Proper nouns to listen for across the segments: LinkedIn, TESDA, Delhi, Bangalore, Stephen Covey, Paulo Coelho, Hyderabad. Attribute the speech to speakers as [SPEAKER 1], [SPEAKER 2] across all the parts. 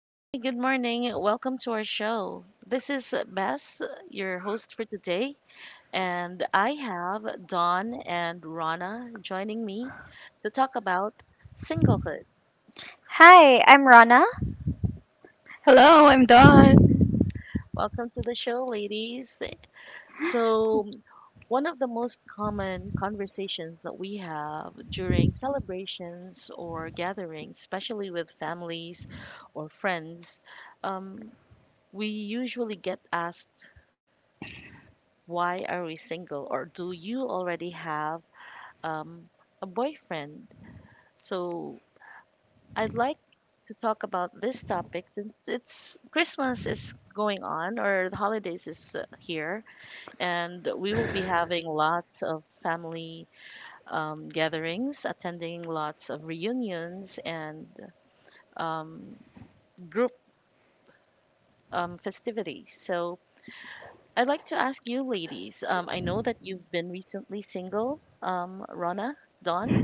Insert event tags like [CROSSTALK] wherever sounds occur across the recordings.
[SPEAKER 1] Hi, good morning. Welcome to our show. This is Bess, your host for today, and I have Dawn and Rana joining me to talk about singlehood.
[SPEAKER 2] Hi, I'm Rana.
[SPEAKER 3] Hello, I'm Dawn.
[SPEAKER 1] Welcome to the show, ladies. So, um, One of the most common conversations that we have during celebrations or gatherings, especially with families or friends, um, we usually get asked, why are we single, or do you already have um, a boyfriend? So I'd like to talk about this topic since it's Christmas is going on or the holidays is here, and we will be having lots of family gatherings, attending lots of reunions and um, group festivities. So I'd like to ask you ladies, I know that you've been recently single, Rana, Dawn.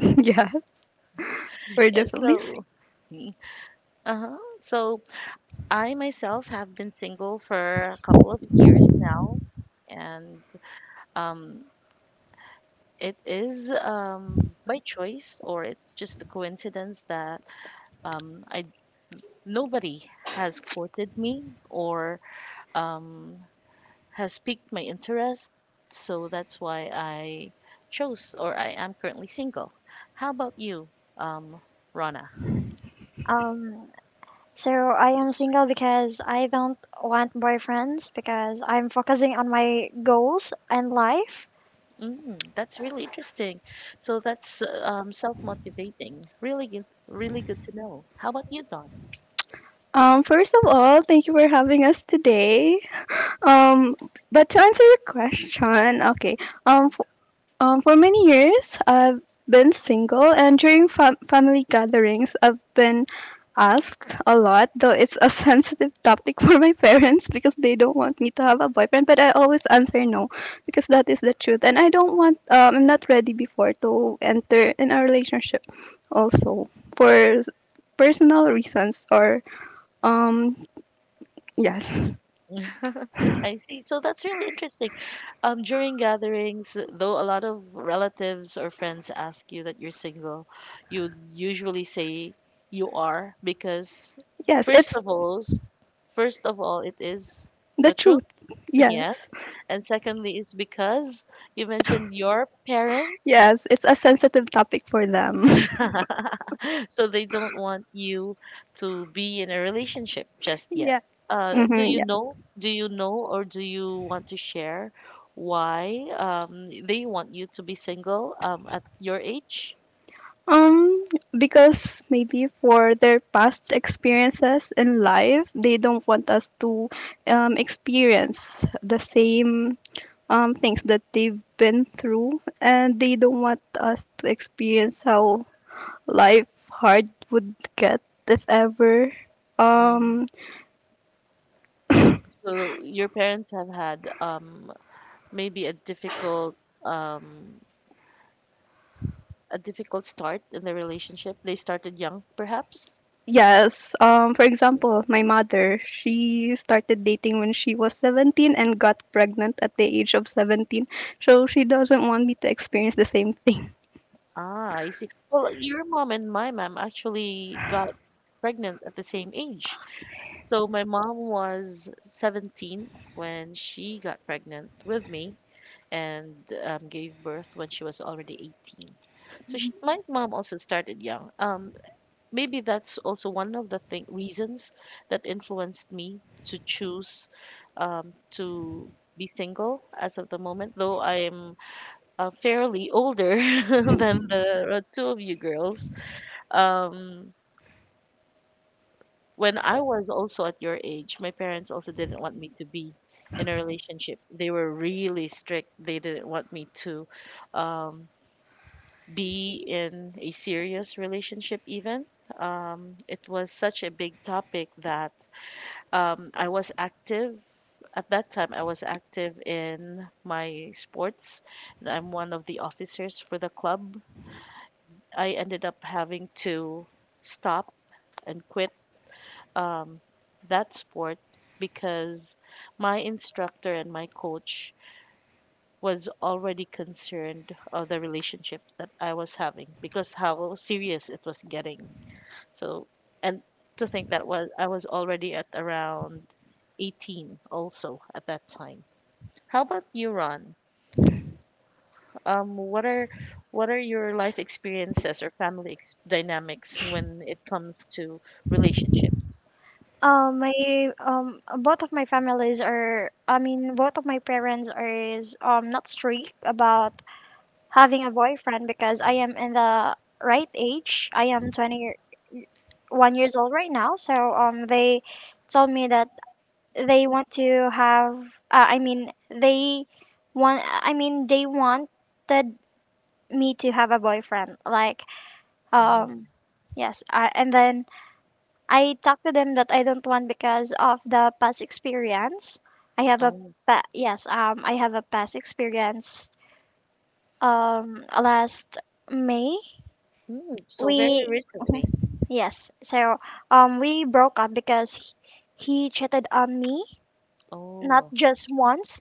[SPEAKER 3] [LAUGHS] yeah, we're
[SPEAKER 1] Yeah,
[SPEAKER 3] definitely. s-
[SPEAKER 1] so me. Uh-huh. So I myself have been single for a couple of years now, and um it is by choice, or it's just a coincidence that I nobody has courted me or um has piqued my interest, so that's why I chose, or I am currently single. How about you, um, Rana?
[SPEAKER 2] Um, so I am single because I don't want boyfriends because I'm focusing on my goals and life.
[SPEAKER 1] Mm, that's really interesting. So that's self-motivating. Really good, really good to know. How about you, Don?
[SPEAKER 3] First of all, thank you for having us today. Um, but to answer your question, okay. Um, for many years, I've been single, and during family gatherings, I've been asked a lot, though it's a [LAUGHS] sensitive topic for my parents because they don't want me to have a boyfriend. But I always answer no because that is the truth, and I don't want. I'm not ready before to enter in a relationship, also for personal reasons or um yes.
[SPEAKER 1] [LAUGHS] I see. So that's really interesting. During gatherings, though a lot of relatives or friends ask you that you're single, you usually say you are because,
[SPEAKER 3] Yes,
[SPEAKER 1] first
[SPEAKER 3] it's
[SPEAKER 1] of all, it is
[SPEAKER 3] the
[SPEAKER 1] the truth.
[SPEAKER 3] truth.
[SPEAKER 1] [LAUGHS]
[SPEAKER 3] Yes,
[SPEAKER 1] Yes. And secondly, it's because you mentioned your parents.
[SPEAKER 3] yes, it's a sensitive topic for them. [LAUGHS]
[SPEAKER 1] [LAUGHS] So they don't want you to be in a relationship just yet.
[SPEAKER 3] Yeah.
[SPEAKER 1] Do
[SPEAKER 3] Mm-hmm,
[SPEAKER 1] you
[SPEAKER 3] yeah.
[SPEAKER 1] know? Or do you want to share why they want you to be single at your age?
[SPEAKER 3] Um, because maybe for their past experiences in life, they don't want us to experience the same things that they've been through, and they don't want us to experience how life hard would get if ever.
[SPEAKER 1] Mm.
[SPEAKER 3] Um,
[SPEAKER 1] So your parents have had maybe a difficult um, start in the relationship. They started young, perhaps.
[SPEAKER 3] Yes. For
[SPEAKER 1] Yeah.
[SPEAKER 3] example, my mother, she started dating when she was 17 and got pregnant at the age of 17. So she doesn't want me to experience the same thing.
[SPEAKER 1] Ah, I see. Well, your mom and my mom actually got pregnant at the same age. So my mom was 17 when she got pregnant with me and gave birth when she was already 18. So she, my mom also started young. Maybe that's also one of the reasons that influenced me to choose to be single as of the moment, though I am fairly older [LAUGHS] than the two of you girls. Um, When I was also at your age, my parents also didn't want me to be in a relationship. They were really strict. They didn't want me to um, be in a serious relationship, even. It was such a big topic that I was active. At that time, I was active in my sports, and I'm one of the officers for the club. I ended up having to stop and quit um, that sport because my instructor and my coach was already concerned of the relationship that I was having because how serious it was getting. So, and to think that was I was already at around 18 also at that time. How about you, Ron? Um, what are what are your life experiences or family dynamics when it comes to relationships?
[SPEAKER 2] My Both of my families are, both of my parents are is not strict about having a boyfriend because I am in the right age. I am 21 years old right now, so they told me that they want to have uh, i mean they they wanted me to have a boyfriend, like
[SPEAKER 1] Mm.
[SPEAKER 2] um yes. I, and then I talked to them that I don't want because of the past experience I have a
[SPEAKER 1] Oh.
[SPEAKER 2] pa- yes, I have a past experience last may
[SPEAKER 1] Mm, so very
[SPEAKER 2] we
[SPEAKER 1] recently.
[SPEAKER 2] yes so we broke up because he cheated on me, not
[SPEAKER 1] Oh,
[SPEAKER 2] just once,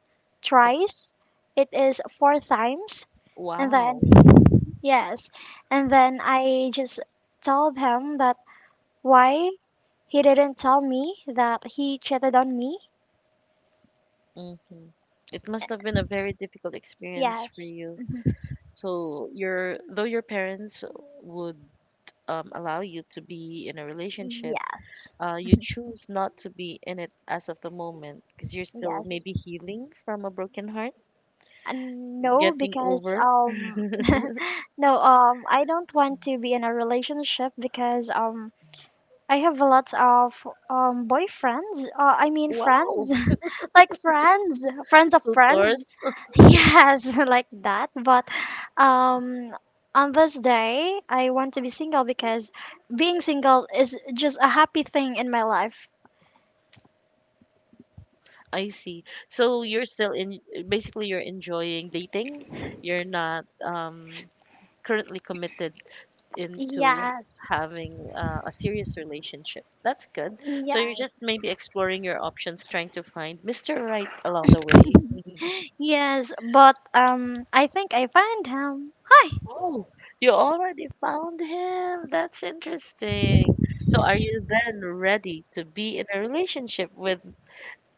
[SPEAKER 1] o-
[SPEAKER 2] twice. It is four times. And then,
[SPEAKER 1] wow.
[SPEAKER 2] yes. And then I just tell him that why he didn't tell me that he cheated on me.
[SPEAKER 1] Mm-hmm. It must have been a very difficult experience for
[SPEAKER 2] Yes.
[SPEAKER 1] you.
[SPEAKER 2] Mhm.
[SPEAKER 1] So your, though your parents would allow you to be in a relationship,
[SPEAKER 2] Yes.
[SPEAKER 1] you choose not to be in it as of the moment because you're still
[SPEAKER 2] Yes.
[SPEAKER 1] maybe healing from a broken heart,
[SPEAKER 2] Uh, no,
[SPEAKER 1] getting
[SPEAKER 2] because
[SPEAKER 1] over.
[SPEAKER 2] um no, I don't want to be in a relationship because I have a lot of boyfriends. I mean
[SPEAKER 1] Wow,
[SPEAKER 2] friends, like friends, friends
[SPEAKER 1] [LAUGHS]
[SPEAKER 2] of
[SPEAKER 1] tutor.
[SPEAKER 2] friends. Yes, [LAUGHS] like that. But um, on this day, I want to be single because being single is just a happy thing in my life.
[SPEAKER 1] I see. So you're still in, basically you're enjoying dating. You're not currently committed into
[SPEAKER 2] Yes,
[SPEAKER 1] having a serious relationship. That's good. So you're
[SPEAKER 2] yes,
[SPEAKER 1] just maybe exploring your options, trying to find Mr. Right along the way. [LAUGHS]
[SPEAKER 2] yes. But I think I find him. Hi,
[SPEAKER 1] Oh, you already found him. That's interesting. So are you then ready to be in a relationship with,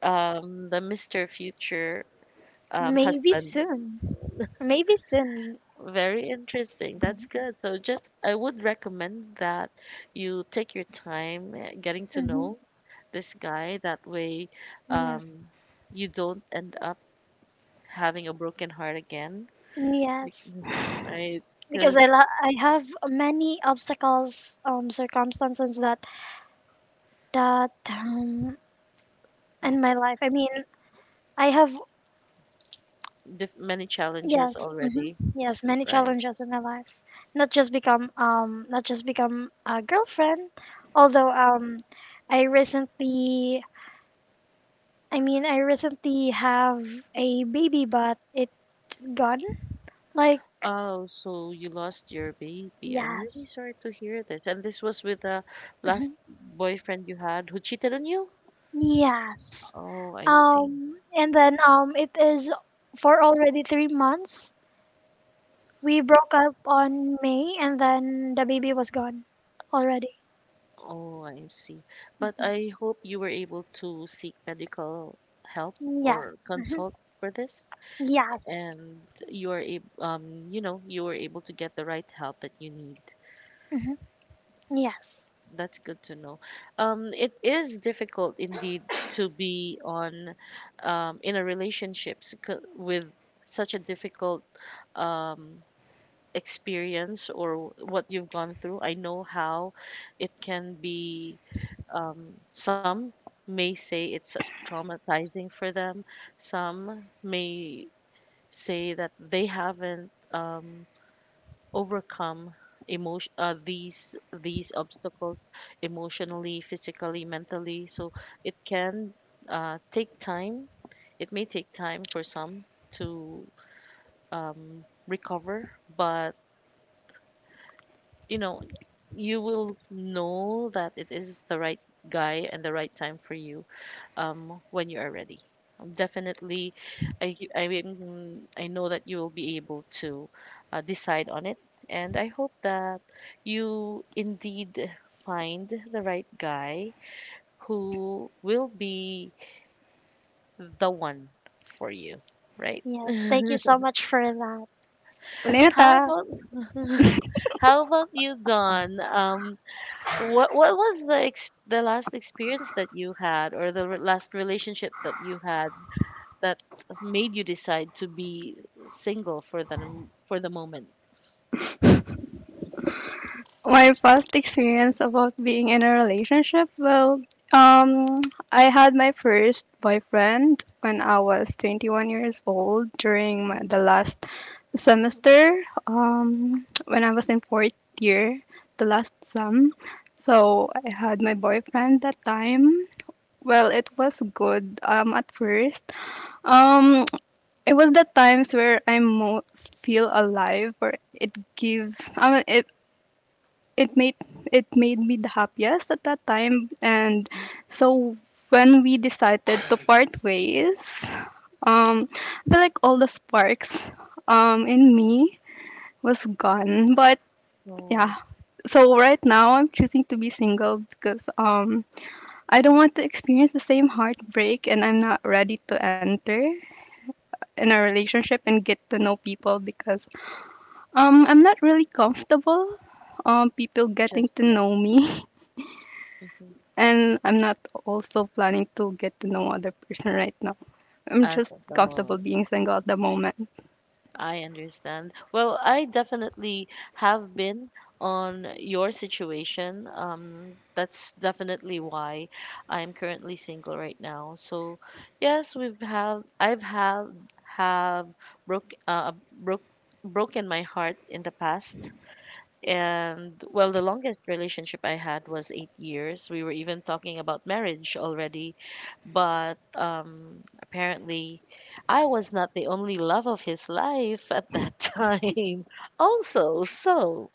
[SPEAKER 1] the Mr. Future
[SPEAKER 2] maybe
[SPEAKER 1] husband?
[SPEAKER 2] soon. Maybe soon.
[SPEAKER 1] Very interesting. That's good. So, just, I would recommend that you take your time getting to
[SPEAKER 2] Mhm.
[SPEAKER 1] know this guy. That way,
[SPEAKER 2] Yes.
[SPEAKER 1] um, you don't end up having a broken heart again,
[SPEAKER 2] Yes,
[SPEAKER 1] [SIGHS] right?
[SPEAKER 2] because
[SPEAKER 1] Because
[SPEAKER 2] I have many obstacles, circumstances that in my life. I mean, I have
[SPEAKER 1] many challenges
[SPEAKER 2] yes, hmm,
[SPEAKER 1] already,
[SPEAKER 2] yes, many
[SPEAKER 1] right?
[SPEAKER 2] challenges in my life. Not just become a girlfriend. Although I recently, I recently have a baby, but it's gone. Like
[SPEAKER 1] Oh, so you lost your baby. I'm
[SPEAKER 2] yes,
[SPEAKER 1] really sorry to hear this. And this was with the last
[SPEAKER 2] mhm,
[SPEAKER 1] boyfriend you had who cheated on you?
[SPEAKER 2] yes.
[SPEAKER 1] Oh, I see.
[SPEAKER 2] And then It is for already 3 months. We broke up on May, and then the baby was gone already.
[SPEAKER 1] Oh, I see. But
[SPEAKER 2] Okay.
[SPEAKER 1] I hope you were able to seek medical help
[SPEAKER 2] Yes,
[SPEAKER 1] or consult for this,
[SPEAKER 2] yes,
[SPEAKER 1] and you are you know, you were able to get the right help that you need.
[SPEAKER 2] mhm, yes,
[SPEAKER 1] That's good to know. It is difficult indeed to be in a relationship with such a difficult, um, experience, or what you've gone through. I know how it can be. Some may say it's traumatizing for them, some may say that they haven't overcome. These obstacles, emotionally, physically, mentally, so it can take time, it may take time for some to um, recover, but you know, you will know that it is the right guy and the right time for you when you are ready. Definitely, I know that you will be able to decide on it. And I hope that you indeed find the right guy who will be the one for you, right?
[SPEAKER 2] yes. Thank you
[SPEAKER 1] [LAUGHS]
[SPEAKER 2] so much for that.
[SPEAKER 3] [LAUGHS] Wala
[SPEAKER 1] How
[SPEAKER 3] na.
[SPEAKER 1] about [LAUGHS] how about you, Don? What was the ex the last experience that you had, or the last relationship that you had that made you decide to be single for the for the moment?
[SPEAKER 3] My first experience about being in a relationship, well, um, I had my first boyfriend when I was 21 years old during my, the last semester, when I was in fourth year, the last sem. So I had my boyfriend that time. Well, it was good at first. Um, it was the times where I most feel alive, or it gives. I mean, it made it made me the happiest at that time, and
[SPEAKER 1] Mhm.
[SPEAKER 3] so when we decided to part ways, I feel like all the sparks in me was gone. But yeah,
[SPEAKER 1] No,
[SPEAKER 3] so right now I'm choosing to be single because I don't want to experience the same heartbreak, and I'm not ready to enter in a relationship and get to know people because I'm not really comfortable people getting
[SPEAKER 1] just
[SPEAKER 3] to
[SPEAKER 1] yet.
[SPEAKER 3] know me. [LAUGHS]
[SPEAKER 1] Hmm.
[SPEAKER 3] And I'm not also planning to get to know other person right now. I'm
[SPEAKER 1] As
[SPEAKER 3] just
[SPEAKER 1] of the
[SPEAKER 3] comfortable
[SPEAKER 1] moment.
[SPEAKER 3] being single at the moment.
[SPEAKER 1] I understand. Well, I definitely have been on your situation. That's definitely why I'm currently single right now. So, yes, we've have I've have broke broke broken my heart in the past, and well, the longest relationship I had was 8 years. We were even talking about marriage already, but apparently, I was not the only love of his life at that [LAUGHS] time. Also, so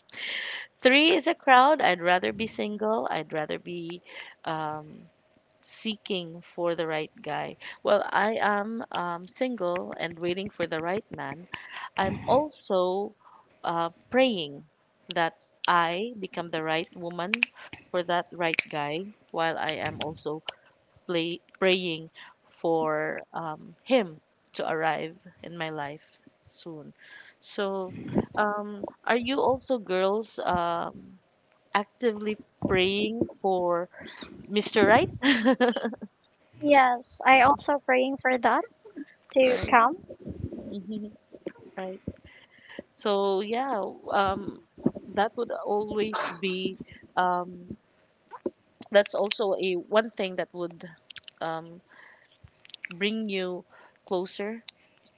[SPEAKER 1] three is a crowd. I'd rather be single. I'd rather be um, seeking for the right guy. Well, I am single and waiting for the right man. I'm also praying that I become the right woman for that right guy, while I am also praying for him to arrive in my life soon. So, are you also girls actively praying for Mr. Right?
[SPEAKER 2] Yes, I also praying for that to
[SPEAKER 1] Right.
[SPEAKER 2] come.
[SPEAKER 1] Mhm. Right. So yeah, um, that would always be um, that's also a one thing that would um, bring you closer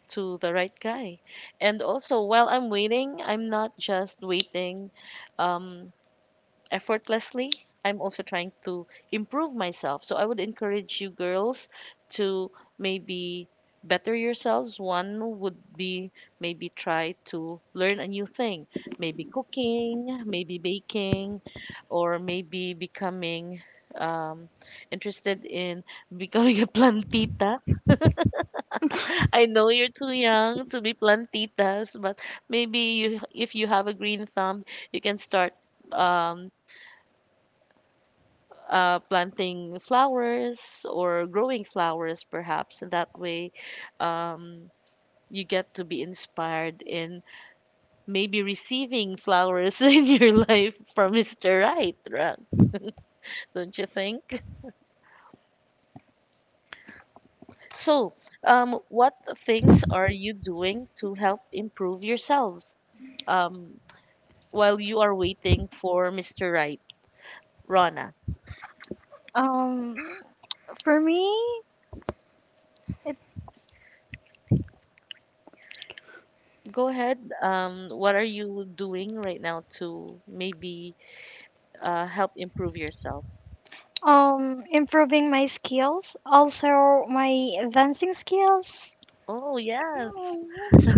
[SPEAKER 1] to the right guy. And also, while I'm waiting, I'm not just waiting. Um, effortlessly, I'm also trying to improve myself. So I would encourage you girls to maybe better yourselves. One would be maybe try to learn a new thing, maybe cooking, maybe baking, or maybe becoming um interested in [LAUGHS] becoming a plantita. [LAUGHS] I know you're too young to be plantitas, but maybe you if you have a green thumb, you can start um planting flowers or growing flowers, perhaps. And that way, um, you get to be inspired in maybe receiving flowers [LAUGHS] in your life from Mr. Right, right? Don't you think? So, what things are you doing to help improve yourselves um, while you are waiting for Mr. Right? Rana,
[SPEAKER 2] Um, for me, it
[SPEAKER 1] go ahead. What are you doing right now to maybe help improve yourself?
[SPEAKER 2] Improving my skills, also my dancing skills.
[SPEAKER 1] Oh, yes.
[SPEAKER 2] Mm.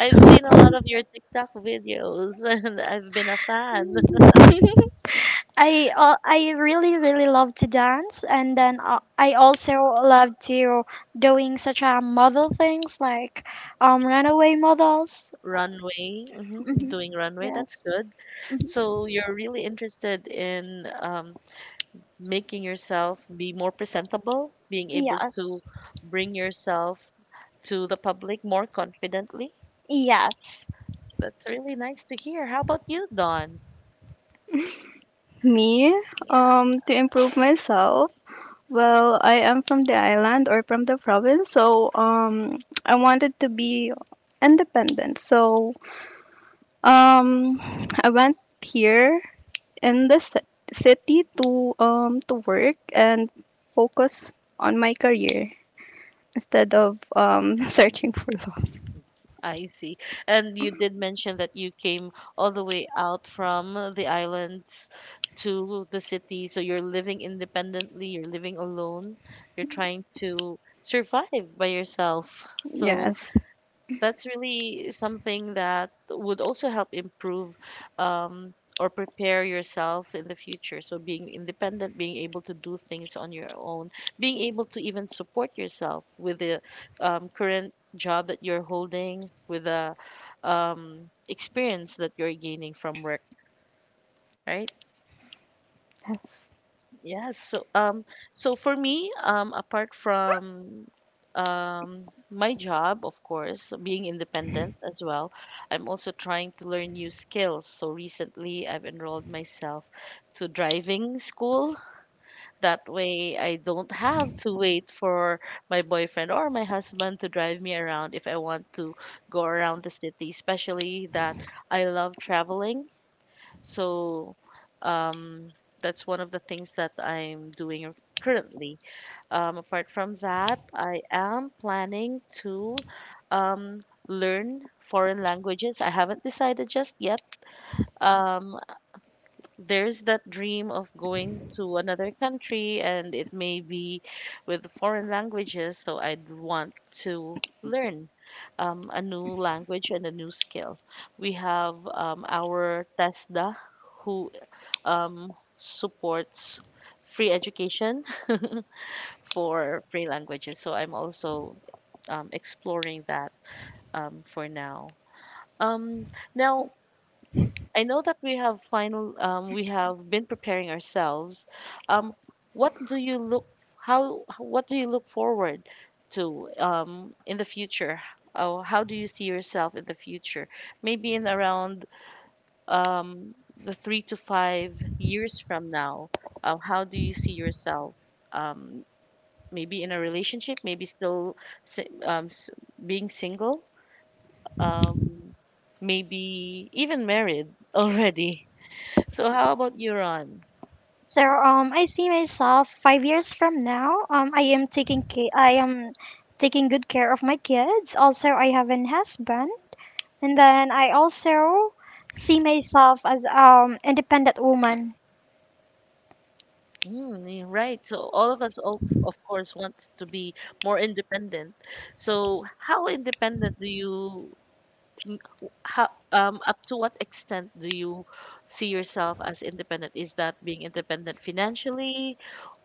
[SPEAKER 1] I've seen a lot of your TikTok videos [LAUGHS] and I've been a fan.
[SPEAKER 2] [LAUGHS] I really really love to dance, and then I also love to doing such a model things, like runaway models.
[SPEAKER 1] Runway, hmm,
[SPEAKER 2] Mhm.
[SPEAKER 1] doing runway, that's
[SPEAKER 2] Yes.
[SPEAKER 1] good. So you're really interested in making yourself be more presentable, being able
[SPEAKER 2] Yes.
[SPEAKER 1] to bring yourself to the public more confidently.
[SPEAKER 2] Yes.
[SPEAKER 1] That's really nice to hear. How about you, Don?
[SPEAKER 3] Me, to improve myself. Well, I am from the island or from the province, so I wanted to be independent. So um, I went here in the city to work and focus on my career instead of [LAUGHS] searching for love.
[SPEAKER 1] I see. And you did mention that you came all the way out from the islands to the city. So you're living independently, you're living alone, you're trying to survive by yourself. So
[SPEAKER 3] Yes.
[SPEAKER 1] that's really something that would also help improve or prepare yourself in the future. So being independent, being able to do things on your own, being able to even support yourself with the current job that you're holding, with the experience that you're gaining from work, right?
[SPEAKER 3] Yes.
[SPEAKER 1] Yes. So so for me, apart from my job, of course, being independent as well, I'm also trying to learn new skills. So recently I've enrolled myself to driving school. That way I don't have to wait for my boyfriend or my husband to drive me around if I want to go around the city, especially that I love traveling. So um, that's one of the things that I'm doing currently. Apart from that, I am planning to learn foreign languages. I haven't decided just yet. Um, there's that dream of going to another country, and it may be with foreign languages, so I'd want to learn a new language and a new skill. We have our TESDA, who supports free education [LAUGHS] for free languages. So I'm also exploring that for now. Um, Now I know that we have final. We have been preparing ourselves. Um, what do you look? How? What do you look forward to in the future? Oh, how do you see yourself in the future? Maybe in around um, the 3 to 5 years from now, how do you see yourself? Um, Maybe in a relationship, maybe still si- um, s- being single, um, maybe even married [LAUGHS] already. So, how about you, Ron?
[SPEAKER 2] So I see myself 5 years from now. I am taking good care of my kids. Also, I have an husband, and then I also see myself as independent woman.
[SPEAKER 1] Mm, you right. So, all of us, of course, want to be more independent. So, how independent do you m- w- how up to what extent do you see yourself as independent? Is that being independent financially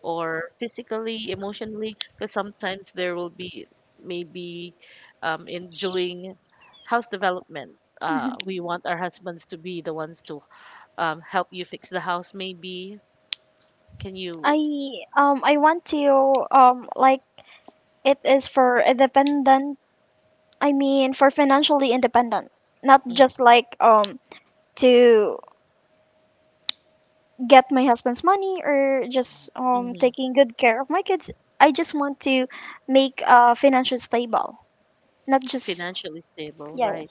[SPEAKER 1] or physically, emotionally? Because sometimes there will be maybe in doing house development. We want our husbands to be the ones to help you fix the house. Maybe can you.
[SPEAKER 2] I I want to like it is for independent. I mean for financially independent, not
[SPEAKER 1] Mm.
[SPEAKER 2] just like to get my husband's money or just
[SPEAKER 1] Mhm.
[SPEAKER 2] taking good care of my kids. I just want to make financial stable, not just
[SPEAKER 1] Financially stable,
[SPEAKER 2] yeah,
[SPEAKER 1] right?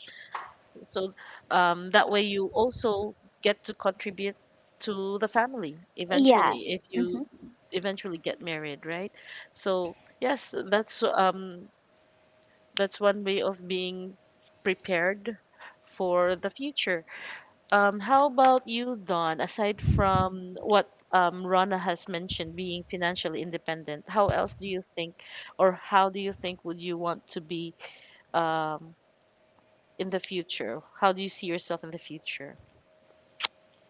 [SPEAKER 1] So that way you also get to contribute to the family
[SPEAKER 2] yeah.
[SPEAKER 1] eventually if you
[SPEAKER 2] Mm-hmm.
[SPEAKER 1] eventually get married, right? So yes, that's one way of being prepared for the future. How about you, Don? Aside from what Rana has mentioned, being financially independent, how else do you think, or how do you think would you want to be um, in the future? How do you see yourself in the future?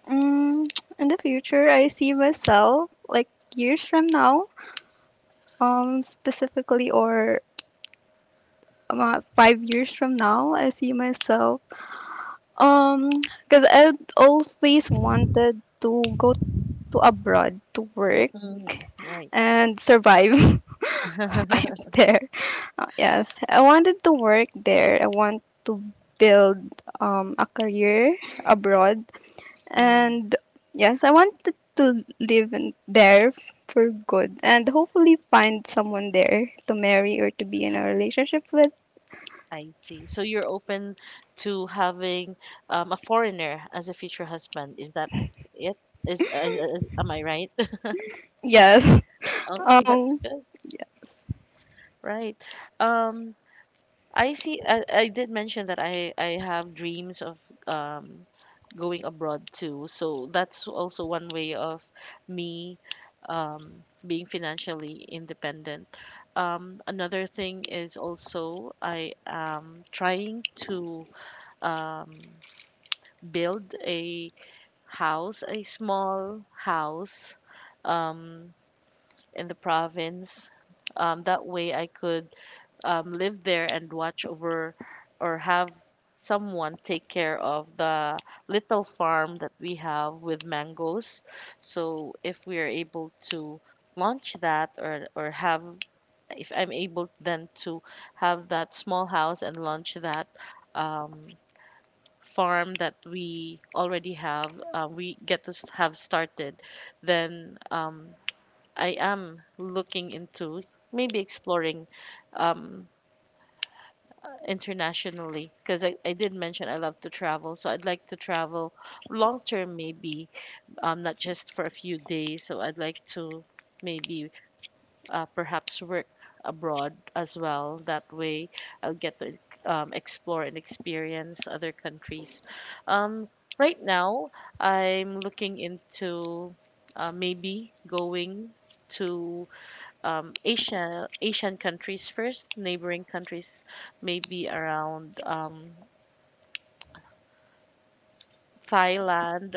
[SPEAKER 3] Mm, in the future, I see myself like years from now, specifically or about 5 years from now, I see myself um because I always wanted to go to abroad to work
[SPEAKER 1] Mm, right.
[SPEAKER 3] and survive. [LAUGHS]
[SPEAKER 1] [LAUGHS]
[SPEAKER 3] I'm there. Yes, I wanted to work there. I want to build a career abroad.
[SPEAKER 1] Mm,
[SPEAKER 3] And yes, I wanted to live in there for good and hopefully find someone there to marry or to be in a relationship with.
[SPEAKER 1] I see. So you're open to having a foreigner as a future husband. Is that it? Is Am I right? [LAUGHS]
[SPEAKER 3] Yes. [LAUGHS]
[SPEAKER 1] Oh, that's
[SPEAKER 3] Um
[SPEAKER 1] good. Right. Um, I see. I did mention that I have dreams of um going abroad too. So that's also one way of me being financially independent. Another thing is also I am trying to um build a house, a small house um in the province. That way I could live there and watch over or have someone take care of the little farm that we have with mangoes. So if we are able to launch that or have if I'm able then to have that small house and launch that um, farm that we already have, we get to have started, then I am looking into maybe exploring um, internationally because I did mention I love to travel. So I'd like to travel long term, maybe, not just for a few days. So I'd like to maybe perhaps work abroad as well. That way I'll get to explore and experience other countries. Um, right now, I'm looking into maybe going to Asian countries first, neighboring countries maybe around Thailand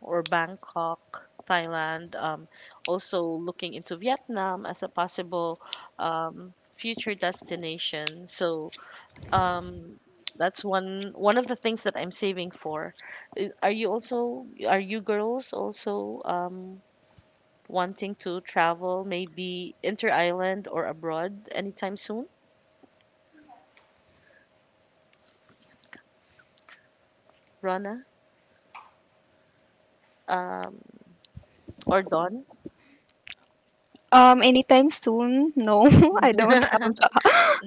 [SPEAKER 1] or Bangkok, Thailand. Also looking into Vietnam as a possible um, future destination. So um, that's one of the things that I'm saving for. Are you girls also wanting to travel maybe inter island or abroad anytime soon, Rana? um or done.
[SPEAKER 3] anytime soon? No, [LAUGHS] I
[SPEAKER 1] [LAUGHS]
[SPEAKER 3] don't have the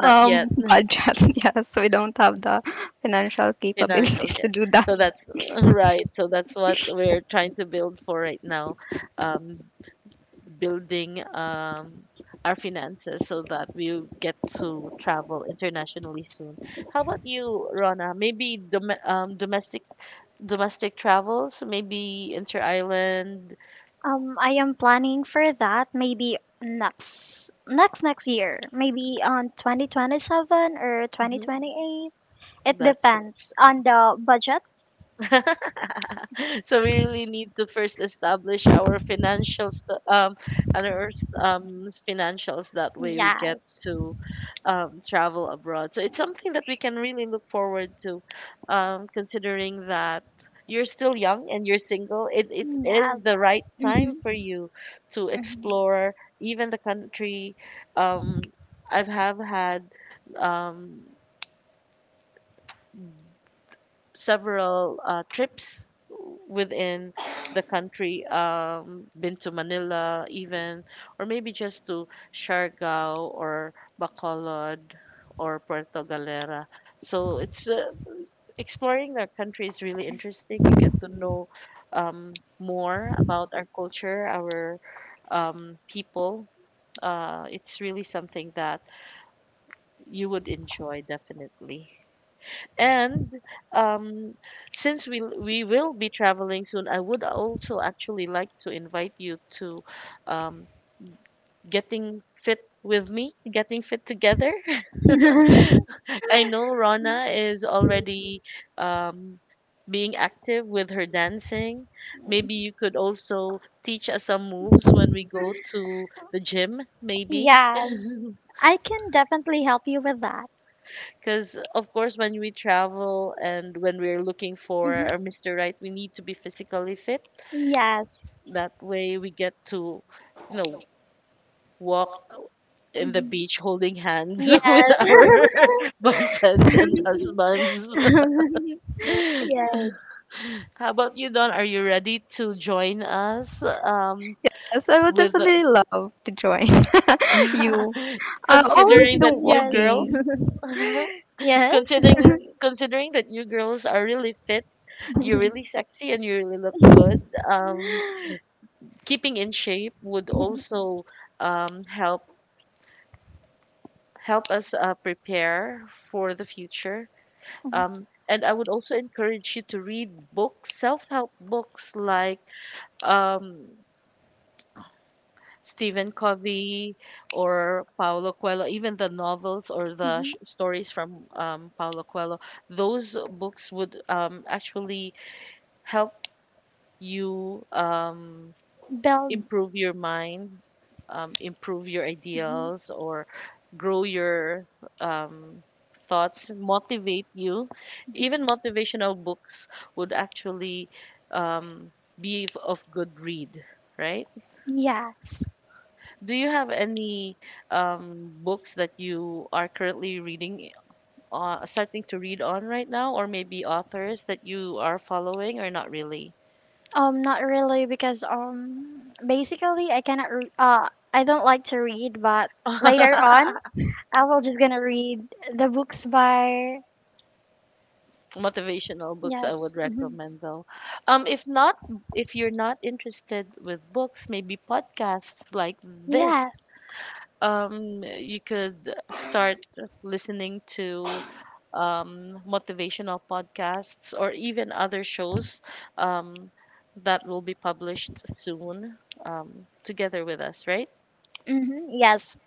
[SPEAKER 3] [LAUGHS]
[SPEAKER 1] yet.
[SPEAKER 3] budget. [LAUGHS] Yes, we don't have the financial
[SPEAKER 1] [LAUGHS] Financials
[SPEAKER 3] capabilities to
[SPEAKER 1] yet,
[SPEAKER 3] do that.
[SPEAKER 1] so that's [LAUGHS] right. So that's what we're trying to build for right now, um building our finances so that we get to travel internationally soon. How about you, Rona? Maybe domestic travels, maybe inter-island.
[SPEAKER 2] I am planning for that maybe next year, maybe on 2027 or
[SPEAKER 1] Hmm.
[SPEAKER 2] 2028. It
[SPEAKER 1] That's
[SPEAKER 2] depends on the budget.
[SPEAKER 1] [LAUGHS] so we really need to first establish our financials and our financials. That way we get
[SPEAKER 2] Yes,
[SPEAKER 1] to travel abroad, so it's something that we can really look forward to, considering that you're still young and you're single. It
[SPEAKER 2] yes.
[SPEAKER 1] is the right time
[SPEAKER 2] Mm-hmm.
[SPEAKER 1] for you to
[SPEAKER 2] Mm-hmm.
[SPEAKER 1] explore even the country. um I've have had um several trips within the country. Been to Manila even, or maybe just to Siargao or Bacolod or Puerto Galera. So it's exploring our country is really interesting. You get to know more about our culture, our people. It's really something that you would enjoy definitely. And um, since we will be traveling soon, I would also actually like to invite you to um, getting fit with me, getting fit together.
[SPEAKER 2] [LAUGHS]
[SPEAKER 1] [LAUGHS] I know Rana is already um, being active with her dancing. Maybe you could also teach us some moves when we go to the gym, maybe.
[SPEAKER 2] Yes,
[SPEAKER 1] [LAUGHS]
[SPEAKER 2] I can definitely help you with that.
[SPEAKER 1] Because, of course, when we travel and when we're looking for
[SPEAKER 2] Mhm.
[SPEAKER 1] our Mr. Right, we need to be physically fit.
[SPEAKER 2] Yes.
[SPEAKER 1] That way we get to, you know, walk in the
[SPEAKER 2] Mhm.
[SPEAKER 1] beach holding hands [LAUGHS] with
[SPEAKER 2] Yes.
[SPEAKER 1] our [LAUGHS] boyfriends and
[SPEAKER 2] [LAUGHS]
[SPEAKER 1] husbands.
[SPEAKER 2] Yes.
[SPEAKER 1] [LAUGHS] How about you, Don? Are you ready to join us
[SPEAKER 3] Yes, I would
[SPEAKER 1] with,
[SPEAKER 3] definitely love to join [LAUGHS] you.
[SPEAKER 1] [LAUGHS]
[SPEAKER 3] I always
[SPEAKER 1] considering
[SPEAKER 3] do
[SPEAKER 2] [LAUGHS]
[SPEAKER 1] that you
[SPEAKER 2] Yes.
[SPEAKER 1] girls,
[SPEAKER 3] walking.
[SPEAKER 1] [LAUGHS]
[SPEAKER 2] Yes. [LAUGHS]
[SPEAKER 1] considering that you girls are really fit. You're really sexy and you really look good. Um, Keeping in shape would also um, help help us prepare for the future. And I would also encourage you to read books, self-help books like um, Stephen Covey or Paulo Coelho, even the novels or the
[SPEAKER 2] Mhm.
[SPEAKER 1] stories from Paulo Coelho. Those books would actually help you.
[SPEAKER 2] Build.
[SPEAKER 1] Improve your mind, improve your
[SPEAKER 2] Mhm.
[SPEAKER 1] ideals, or grow your um, thoughts, motivate you.
[SPEAKER 2] Mhm.
[SPEAKER 1] Even motivational books would actually um, be of good read, right?
[SPEAKER 2] Yes.
[SPEAKER 1] Do you have any books that you are currently reading, starting to read on right now, or maybe authors that you are following, or not really?
[SPEAKER 2] Not really because basically I cannot. Re- I don't like to read, but later
[SPEAKER 1] [LAUGHS]
[SPEAKER 2] on I will just gonna read the books by.
[SPEAKER 1] Motivational books I
[SPEAKER 2] Yes.
[SPEAKER 1] would
[SPEAKER 2] Hmm.
[SPEAKER 1] recommend though. If not, if you're not interested with books, maybe podcasts like this.
[SPEAKER 2] Yeah.
[SPEAKER 1] You could start listening to motivational podcasts or even other shows um, that will be published soon, together with us, right?
[SPEAKER 2] Hmm. Yes.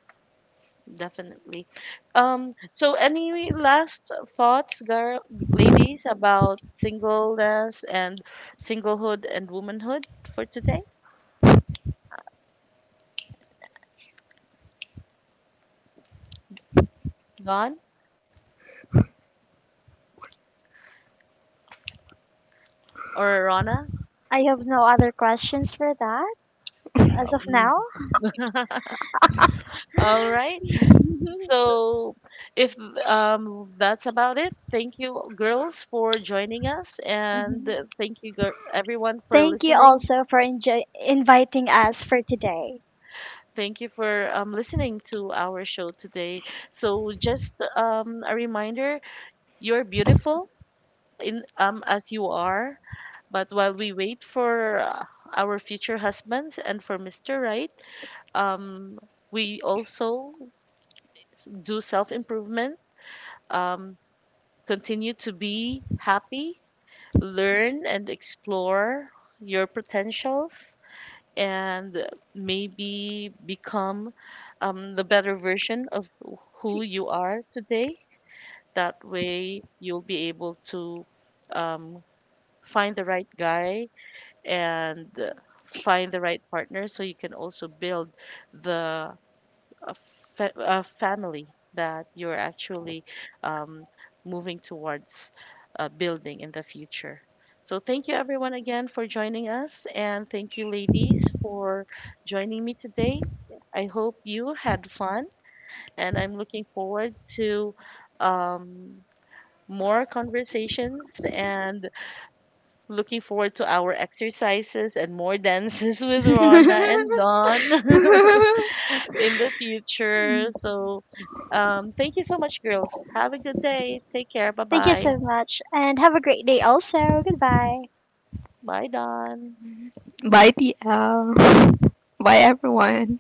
[SPEAKER 1] Definitely. So any last thoughts, girl, ladies, about singleness and singlehood and womanhood for today? Don or Rana?
[SPEAKER 2] I have no other questions for that as of
[SPEAKER 1] Um,
[SPEAKER 2] now.
[SPEAKER 1] All right. So if that's about it, thank you girls for joining us and
[SPEAKER 2] Mhm.
[SPEAKER 1] thank you everyone for
[SPEAKER 2] Thank you
[SPEAKER 1] listening.
[SPEAKER 2] also for inviting us for today.
[SPEAKER 1] Thank you for listening to our show today. So just a reminder, you're beautiful in as you are. But while we wait for our future husbands and for Mr. Right, um, we also do self improvement, um, continue to be happy, learn and explore your potentials, and maybe become the better version of who you are today. That way, you'll be able to um, find the right guy and find the right partner so you can also build the uh, family that you're actually um, moving towards building in the future. So, thank you everyone again for joining us, and thank you, ladies, for joining me today. I hope you had fun, and I'm looking forward to um, more conversations and looking forward to our exercises and more dances [LAUGHS] with Rona
[SPEAKER 2] [LAUGHS]
[SPEAKER 1] and Don [LAUGHS] in the future. So, thank you so much, girls. Have a good day. Take care. Bye
[SPEAKER 2] Thank you
[SPEAKER 1] bye.
[SPEAKER 2] so much and have a great day also. Goodbye.
[SPEAKER 1] Bye, Don.
[SPEAKER 3] Bye, TL. [LAUGHS] Bye, everyone.